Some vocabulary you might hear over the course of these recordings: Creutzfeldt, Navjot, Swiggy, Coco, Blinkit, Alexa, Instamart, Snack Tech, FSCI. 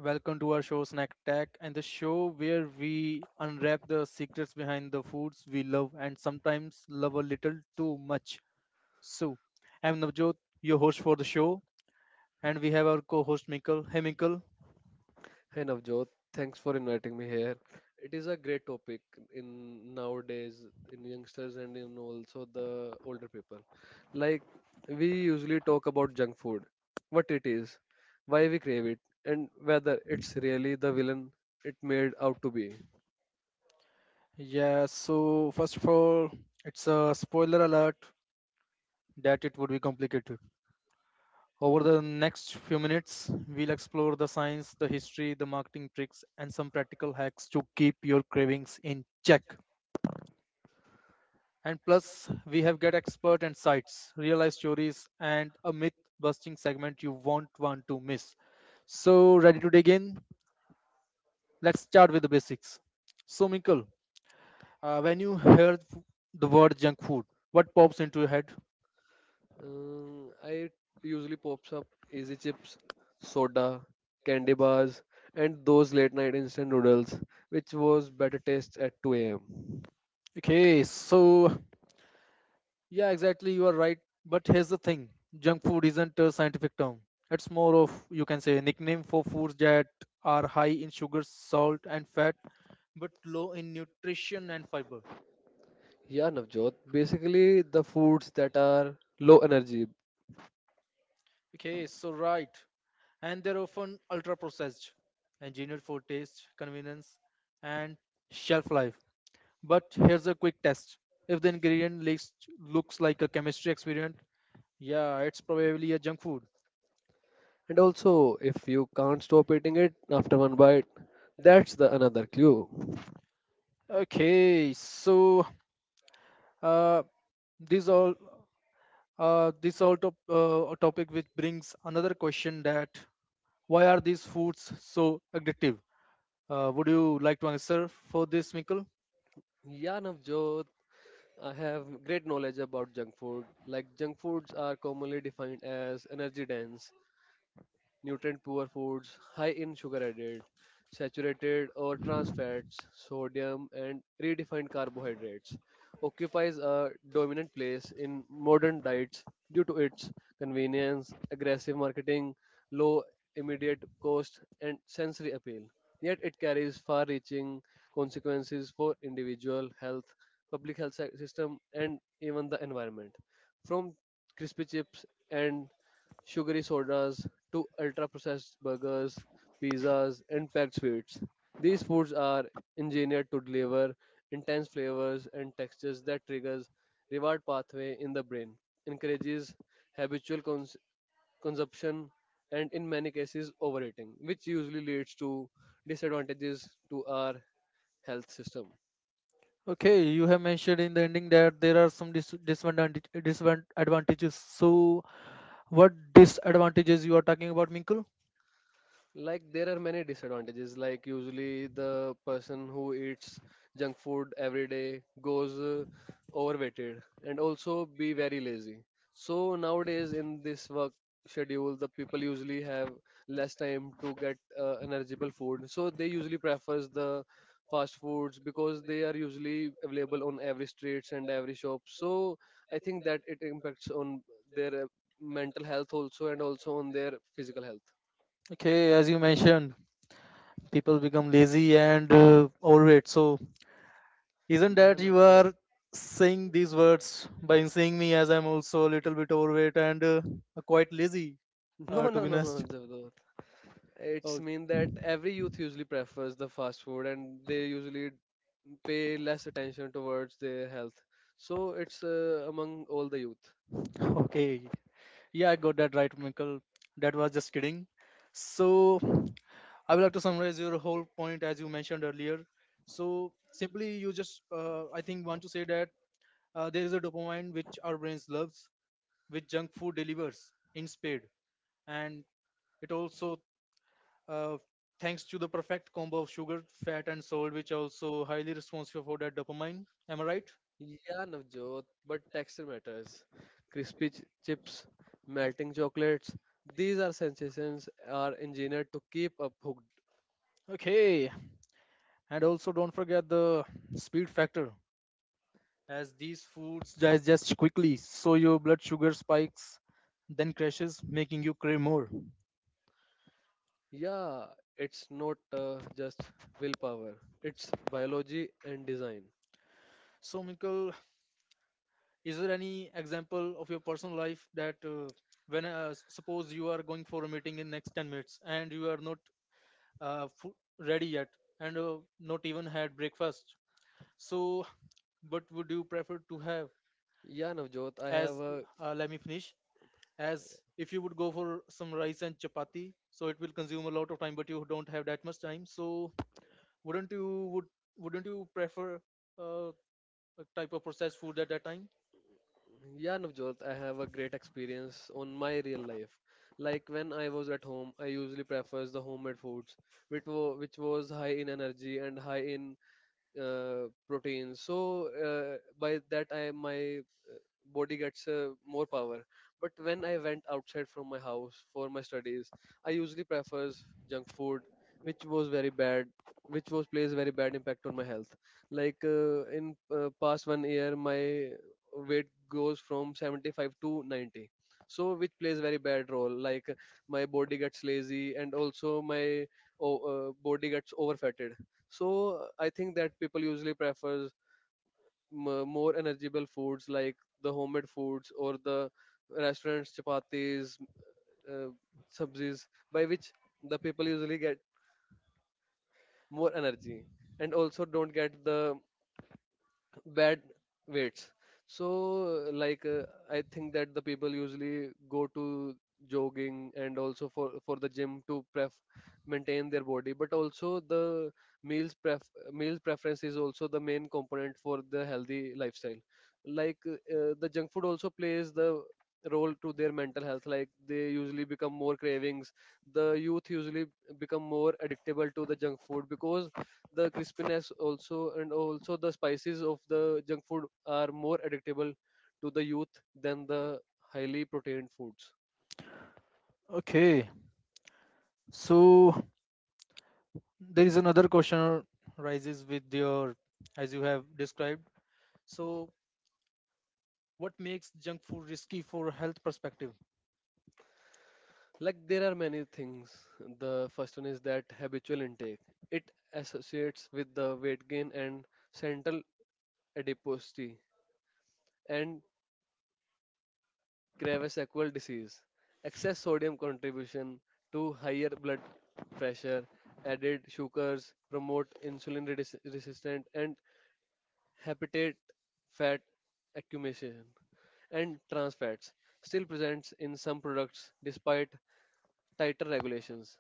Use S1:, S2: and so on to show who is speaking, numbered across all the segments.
S1: Welcome to our show Snack Tech and the show where we unwrap the secrets behind the foods we love and sometimes love a little too much. So, I'm Navjot, your host for the show, and we have our co host Mikal. Hey, Mikal.
S2: Hi Navjot, thanks for inviting me here. It is a great topic in nowadays in youngsters and in also the older people. Like we usually talk about junk food, what it is, why we crave it, and whether it's really the villain it made out to be.
S1: Yeah, so first of all, it's a spoiler alert that it would be complicated. Over the next few minutes, we'll explore the science, the history, the marketing tricks, and some practical hacks to keep your cravings in check. And plus, we have got expert and sites, real life stories, and a myth busting segment you won't want to miss. So, ready to dig in? Let's start with the basics. So, Minkle, when you hear the word junk food, what pops into your head?
S2: I usually pops up easy chips, soda, candy bars, and those late night instant noodles, which was better taste at 2 a.m.
S1: Okay, so yeah, exactly, you are right. But here's the thing junk food isn't a scientific term, it's more of, you can say, a nickname for foods that are high in sugar, salt, and fat, but low in nutrition and fiber.
S2: Yeah, Navjot. Basically, the foods that are low energy,
S1: Okay, so right. And they're often ultra processed, engineered for taste, convenience, and shelf life. But here's a quick test. If the ingredient list looks like a chemistry experiment, yeah, it's probably a junk food.
S2: and also if you can't stop eating it after one bite, that's the another clue.
S1: Okay, so uh, this all this all top, A topic which brings another question that why are these foods so addictive? Would you like to answer for this, Mikkel?
S2: Yeah, Navjot. I have great knowledge about junk food. Like junk foods are commonly defined as energy dense, nutrient poor foods high in sugar added, saturated or trans fats, sodium, and redefined carbohydrates occupies a dominant place in modern diets due to its convenience, aggressive marketing, low immediate cost, and sensory appeal. Yet it carries far reaching consequences for individual health, public health system, and even the environment. From crispy chips and sugary sodas to ultra-processed burgers, pizzas, and packed sweets. These foods are engineered to deliver intense flavors and textures that triggers reward pathway in the brain, encourages habitual consumption, and in many cases overeating, which usually leads to disadvantages to our health system.
S1: Okay, you have mentioned in the ending that there are some disadvantages. So, what disadvantages you are talking about, Minkle?
S2: Like there are many disadvantages. Like usually the person who eats junk food every day goes overweighted and also be very lazy. So nowadays in this work schedule, the people usually have less time to get energizable food. So they usually prefers the fast foods because they are usually available on every streets and every shop. So I think that it impacts on their mental health also and also on their physical health.
S1: Okay, as you mentioned, people become lazy and overweight. So isn't
S2: Yeah,
S1: that you
S2: no.
S1: are saying these words by seeing me as I'm also a little bit overweight and quite lazy,
S2: No,
S1: to
S2: no,
S1: be
S2: no, no,
S1: honest?
S2: Javdot. It's
S1: Oh,
S2: mean that every youth usually prefers the fast food and they usually pay less attention towards their health. So it's among all the youth.
S1: okay. Yeah, I got that right, Michael. That was just kidding. So, I would like to summarize your whole point as you mentioned earlier. So, simply, you just, I think, want to say that there is a dopamine which our brains loves, which junk food delivers in spade. And it also uh, thanks to the perfect combo of sugar, fat, and salt, which are also highly responsive for that dopamine. Am I right?
S2: Yeah, Navjot, but texture matters. Crispy chips, melting chocolates, these are sensations are engineered to keep up hooked.
S1: Okay, and also don't forget the speed factor, as these foods digest quickly, so your blood sugar spikes, then crashes, making you crave more.
S2: Yeah, it's not just willpower. It's biology and design.
S1: So, Minkle, is there any example of your personal life that suppose you are going for a meeting in next 10 minutes and you are not uh, fu- ready yet and not even had breakfast. So, what would you prefer to have?
S2: Yeah, Navjot, I have
S1: As
S2: a
S1: Let me finish. As if you would go for some rice and chapati, so it will consume a lot of time, but you don't have that much time. So, wouldn't you would wouldn't you prefer uh, a type of processed food at that time?
S2: Yeah, Navjot, I have a great experience on my real life. Like when I was at home, I usually prefers the homemade foods, which was high in energy and high in protein. So by that, I my body gets more power. But when I went outside from my house for my studies, I usually prefers junk food, which was very bad, which was plays very bad impact on my health. Like in past 1 year, my weight goes from 75 to 90, so which plays very bad role like my body gets lazy and also my oh, body gets overfatted. So I think that people usually prefer more energible foods like the homemade foods or the restaurants chapatis, uh, sabzis by which the people usually get more energy and also don't get the bad weights. So, like, I think that the people usually go to jogging and also for the gym to pref maintain their body, but also the meals pref meals preference is also the main component for the healthy lifestyle. Like, the junk food also plays the role to their mental health like they usually become more cravings, the youth usually become more addictable to the junk food because the crispiness also and also the spices of the junk food are more adaptable to the youth than the highly protein foods.
S1: Okay, so there is another question rises with your as you have described. So, what makes junk food risky for health perspective?
S2: Like there are many things. The first one is that habitual intake, it associates with the weight gain and central adiposity and Creutzfeldt disease, excess sodium contribution to higher blood pressure, added sugars promote insulin resistant and Hepatic fat accumulation, and trans fats still presents in some products despite tighter regulations.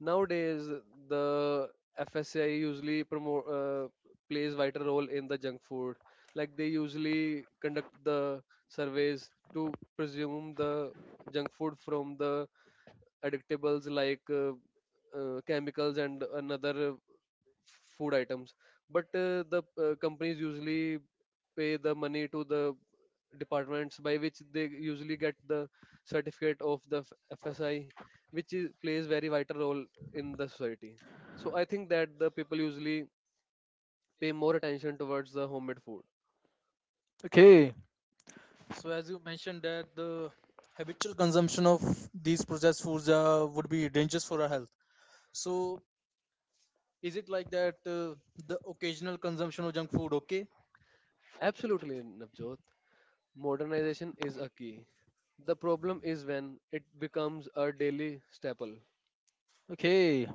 S2: Nowadays, the FSCI usually promote plays vital role in the junk food. Like they usually conduct the surveys to presume the junk food from the addictables like chemicals and another food items. But the companies usually pay the money to the departments by which they usually get the certificate of the FSI, which is, plays very vital role in the society. So I think that the people usually pay more attention towards the homemade food.
S1: Okay, so as you mentioned that the habitual consumption of these processed foods would be dangerous for our health. So is it like that the occasional consumption of junk food okay?
S2: Absolutely, Navjot. Modernization is a key. The problem is when it becomes a daily staple.
S1: Okay.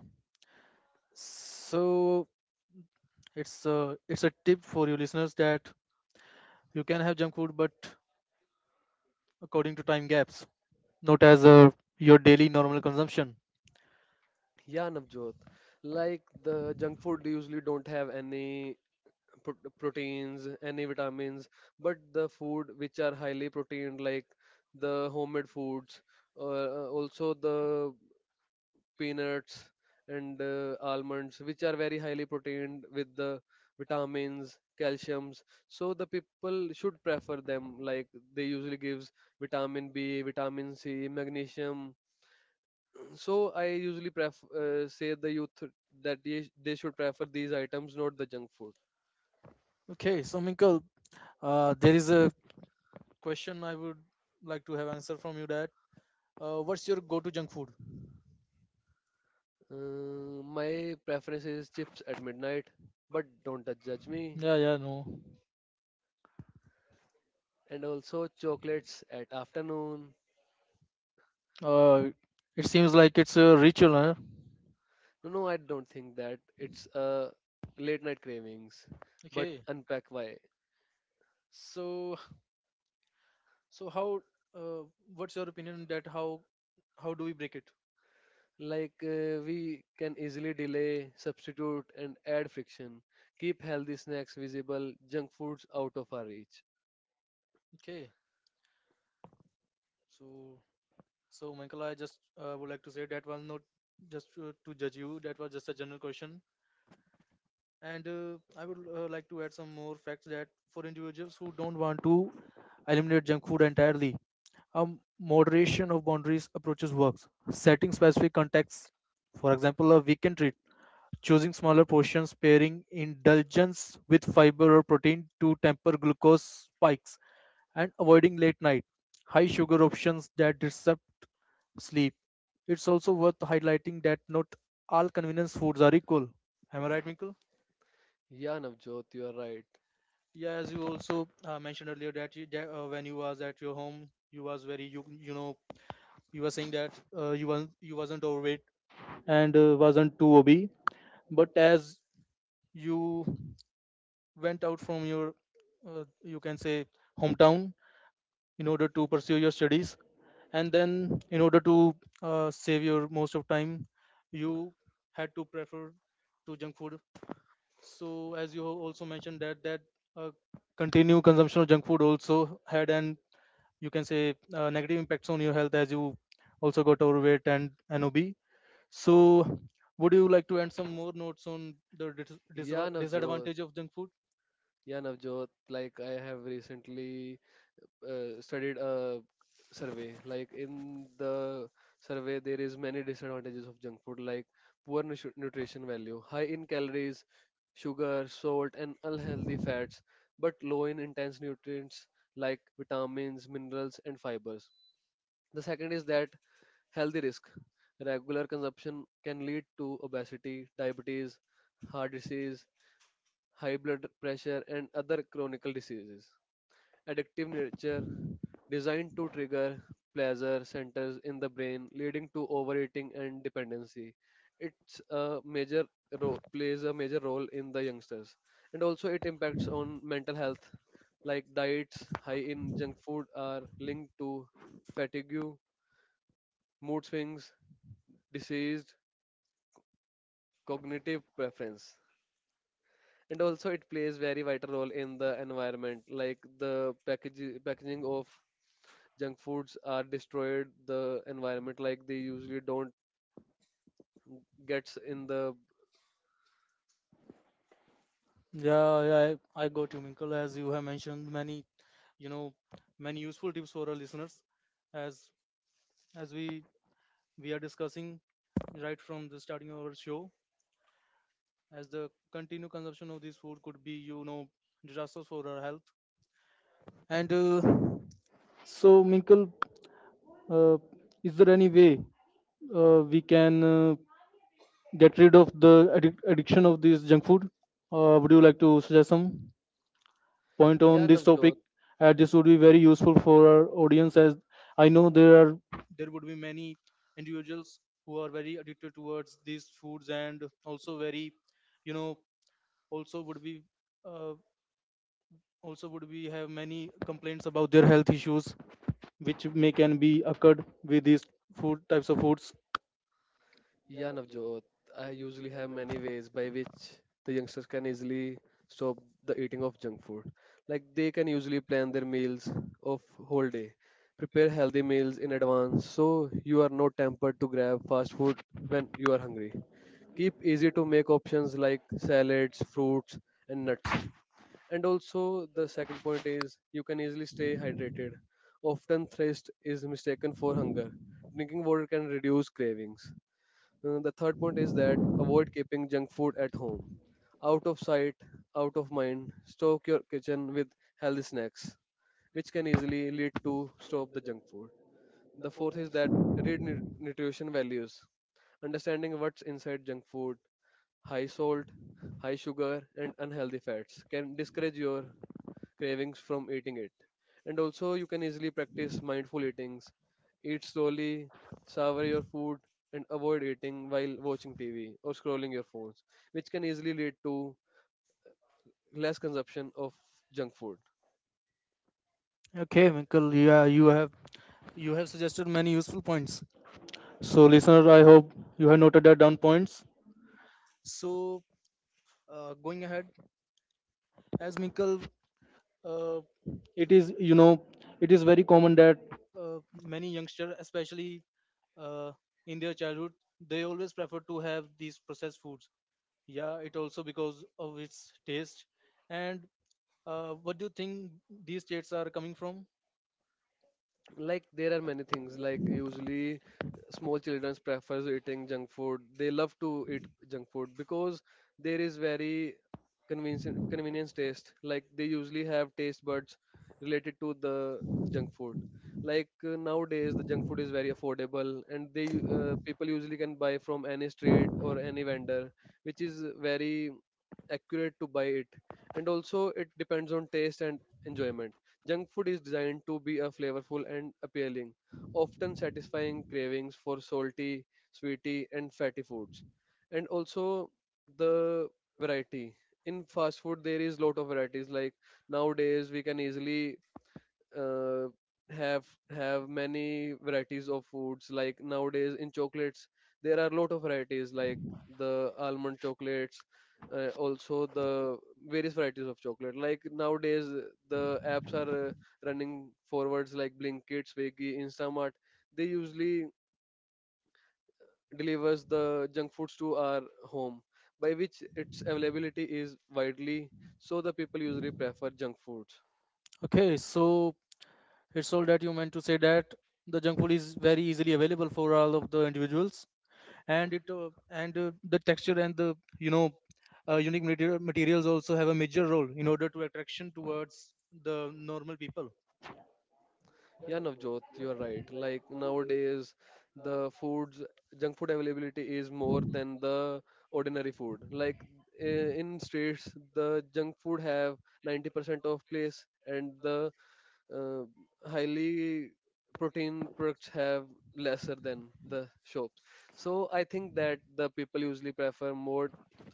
S1: So it's a tip for you listeners that you can have junk food but according to time gaps, not as a your daily normal consumption.
S2: Yeah, Navjot. Like the junk food usually don't have any proteins, any vitamins, but the food which are highly protein, like the homemade foods, also the peanuts and almonds which are very highly proteined with the vitamins calciums, so the people should prefer them like they usually gives vitamin b vitamin c magnesium. So I usually prefer say the youth that they should prefer these items not the junk food.
S1: Okay, so Minkle, there is a question I would like to have answer from you that what's your go-to junk food?
S2: My preference is chips at midnight, but don't judge me.
S1: Yeah, yeah, no.
S2: And also chocolates at afternoon.
S1: Uh, it seems like it's a ritual, huh?
S2: No, no, I don't think that it's late night cravings, but
S1: Okay.
S2: unpack why.
S1: So, so how? Uh, what's your opinion on that how do we break it?
S2: Like we can easily delay, substitute, and add friction. Keep healthy snacks visible, junk foods out of our reach.
S1: Okay. So, so Michael, I just would like to say that was not just to judge you. That was just a general question, and I would like to add some more facts that for individuals who don't want to eliminate junk food entirely, moderation of boundaries approaches works. Setting specific contexts, for example, a weekend treat. Choosing smaller portions, pairing indulgence with fiber or protein to temper glucose spikes, and avoiding late night, high sugar options that disrupt sleep. It's also worth highlighting that not all convenience foods are equal. Am I right, Minkle?
S2: Yeah, Navjot, you are right.
S1: Yeah, as you also mentioned earlier that you, that, when you was at your home, you was very you you know you were saying that you wasn't overweight and wasn't too obese, but as you went out from your you can say hometown in order to pursue your studies and then in order to save your most of time you had to prefer to junk food so as you also mentioned that uh, continued consumption of junk food also had an you can say negative impacts on your health as you also got overweight and nob. So would you like to add some more notes on the
S2: Yeah, Navjot.
S1: disadvantage of junk food?
S2: Yeah, Navjot, like I have recently studied a survey. Like in the survey there is many disadvantages of junk food like poor nutrition value, high in calories, sugar, salt, and unhealthy fats, but low in intense nutrients like vitamins, minerals, and fibers. The second is that healthy risk, regular consumption can lead to obesity, diabetes, heart disease, high blood pressure, and other chronic diseases. Addictive nature, designed to trigger pleasure centers in the brain, leading to overeating and dependency. It's a major plays a major role in the youngsters, and also it impacts on mental health, like diets high in junk food are linked to fatigue, mood swings, diseased cognitive preference. And also, it plays very vital role in the environment, like packaging of junk foods are destroyed the environment like they usually don't gets in the.
S1: Yeah, yeah, I got you, Minkle. As you have mentioned many, you know, many useful tips for our listeners. As as we are discussing right from the starting of our show, as the continued consumption of this food could be, you know, disastrous for our health. And so, Minkle, uh, is there any way we can get rid of the addiction of this junk food? Would you like to suggest some point
S2: Yeah,
S1: on this topic?
S2: Navjot.
S1: And this would be very useful for our audience as I know there are there would be many individuals who are very addicted towards these foods and also very you know also would be uh, also would be have many complaints about their health issues which may can be occurred with these food types of foods.
S2: Yeah, Navjot, I usually have many ways by which the youngsters can easily stop the eating of junk food. Like they can usually plan their meals of whole day, prepare healthy meals in advance so you are not tempted to grab fast food when you are hungry. Keep easy to make options like salads, fruits, and nuts. And also, the second point is you can easily stay hydrated. Often, thirst is mistaken for hunger. Drinking water can reduce cravings. The third point is that avoid keeping junk food at home. Out of sight, out of mind, stock your kitchen with healthy snacks, which can easily lead to stop the junk food. The fourth is that read nutrition values. Understanding what's inside junk food, high salt, high sugar, and unhealthy fats can discourage your cravings from eating it. And also, you can easily practice mindful eatings. Eat slowly, savor your food, and avoid eating while watching TV or scrolling your phones, which can easily lead to less consumption of junk food.
S1: Okay Winkle, yeah you have suggested many useful points, so listener I hope you have noted that down points. So going ahead, as Minkle, uh, it is you know it is very common that uh, many youngsters, especially uh, in their childhood, they always prefer to have these processed foods. Yeah, it also because of its taste. And what do you think these states are coming from?
S2: Like there are many things, like usually small children prefers eating junk food, they love to eat junk food because there is very convenience taste, like they usually have taste buds related to the junk food. Like nowadays the junk food is very affordable and people usually can buy from any street or any vendor which is very accurate to buy it. And also it depends on taste and enjoyment. Junk food is designed to be a flavorful and appealing, often satisfying cravings for salty, sweety, and fatty foods. And also the variety, in fast food there is lot of varieties. Like nowadays we can easily uh, have have many varieties of foods. Like nowadays in chocolates there are a lot of varieties like the almond chocolates, also the various varieties of chocolate. Like nowadays the apps are running forwards like blinkit, swiggy, instamart, they usually delivers the junk foods to our home by which its availability is widely, so the people usually prefer junk foods.
S1: Okay, so it's all that you meant to say that the junk food is very easily available for all of the individuals, and it and the texture and the you know materials also have a major role in order to attraction towards the normal people.
S2: Yeah, Navjot, you're right. Like nowadays, the foods, junk food availability is more than the ordinary food. Like in states, the junk food have 90% of place, and the uh, highly protein products have lesser than the shops. So I think that the people usually prefer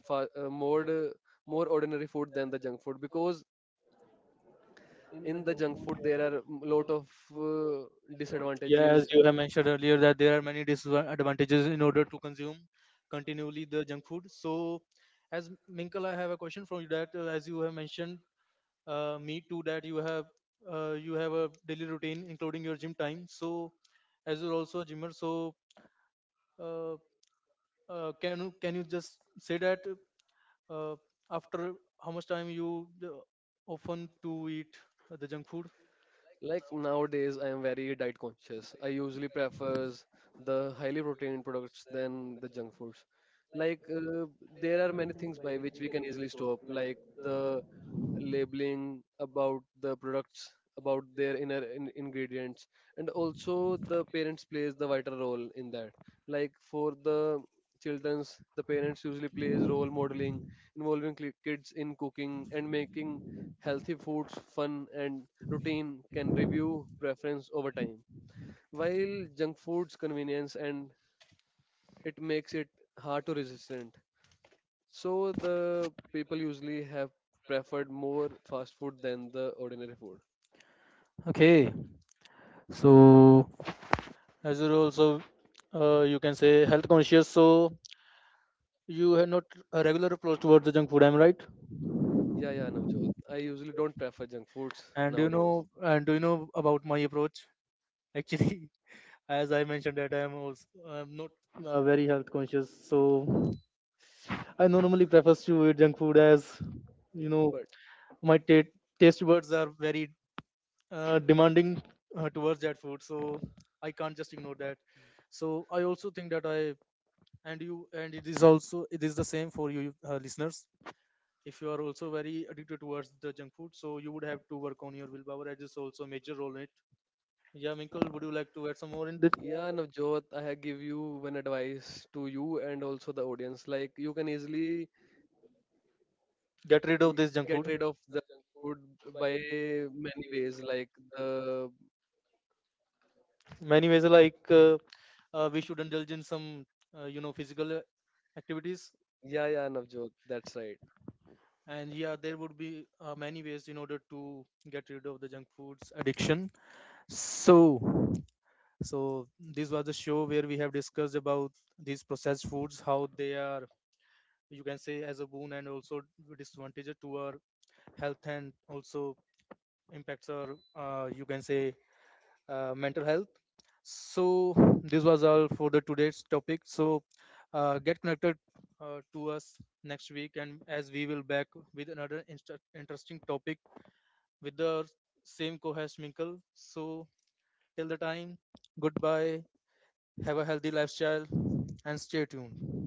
S2: fa- uh, more, uh, more ordinary food than the junk food because in the junk food there are lot of uh,
S1: Yeah, as
S2: disadvantages
S1: you
S2: and.
S1: have mentioned earlier that there are many disadvantages in order to consume continually the junk food. So, as Minkle, I have a question from you that as you have mentioned me too that you have a daily routine including your gym time, so as you're also a gymmer, so uh, can you just say that uh, after how much time you often to eat the junk food?
S2: Like nowadays, I am very diet conscious. I usually prefers the highly protein products than the junk foods. Like there are many things by which we can easily stop, like the labeling about the products, about their inner in ingredients, and also the parents plays the vital role in that. Like for the children's, the parents usually plays role modeling, involving kids in cooking and making healthy foods fun and routine can review preference over time. While junk food's convenience and it makes it hard to resistant. So the people usually have preferred more fast food than the ordinary food.
S1: Okay so as you're also you can say health conscious, so you have not a regular approach towards the junk food. Am I right?
S2: Yeah, yeah, Navjot. I usually don't prefer junk foods
S1: and do you
S2: nowadays.
S1: know and do you know about my approach? Actually, as I mentioned that I am also I'm not very health conscious, so I normally prefer to eat junk food as you know
S2: But
S1: my taste buds are very demanding towards that food, so I can't just ignore that. So I also think that I and you and it is also it is the same for you listeners. If you are also very addicted towards the junk food, so you would have to work on your willpower. It is also a major role in it. Yeah, Minkle, would you like to add some more in this?
S2: yeah, Navjot, I have give you one advice to you and also the audience. Like you can easily
S1: Get rid of
S2: eh,
S1: this junk
S2: get
S1: food.
S2: rid of the food by many ways. Like the
S1: Many ways like we should indulge in some you know physical activities.
S2: yeah, yeah, Navjot. That's right.
S1: And yeah, there would be many ways in order to get rid of the junk foods addiction. So so this was the show where we have discussed about these processed foods how they are you can say as a boon and also disadvantage to our health and also impacts our you can say mental health. So this was all for the today's topic. So get connected to us next week, and as we will back with another interesting topic with the same co-host Minkle. So till the time, goodbye. Have a healthy lifestyle and stay tuned.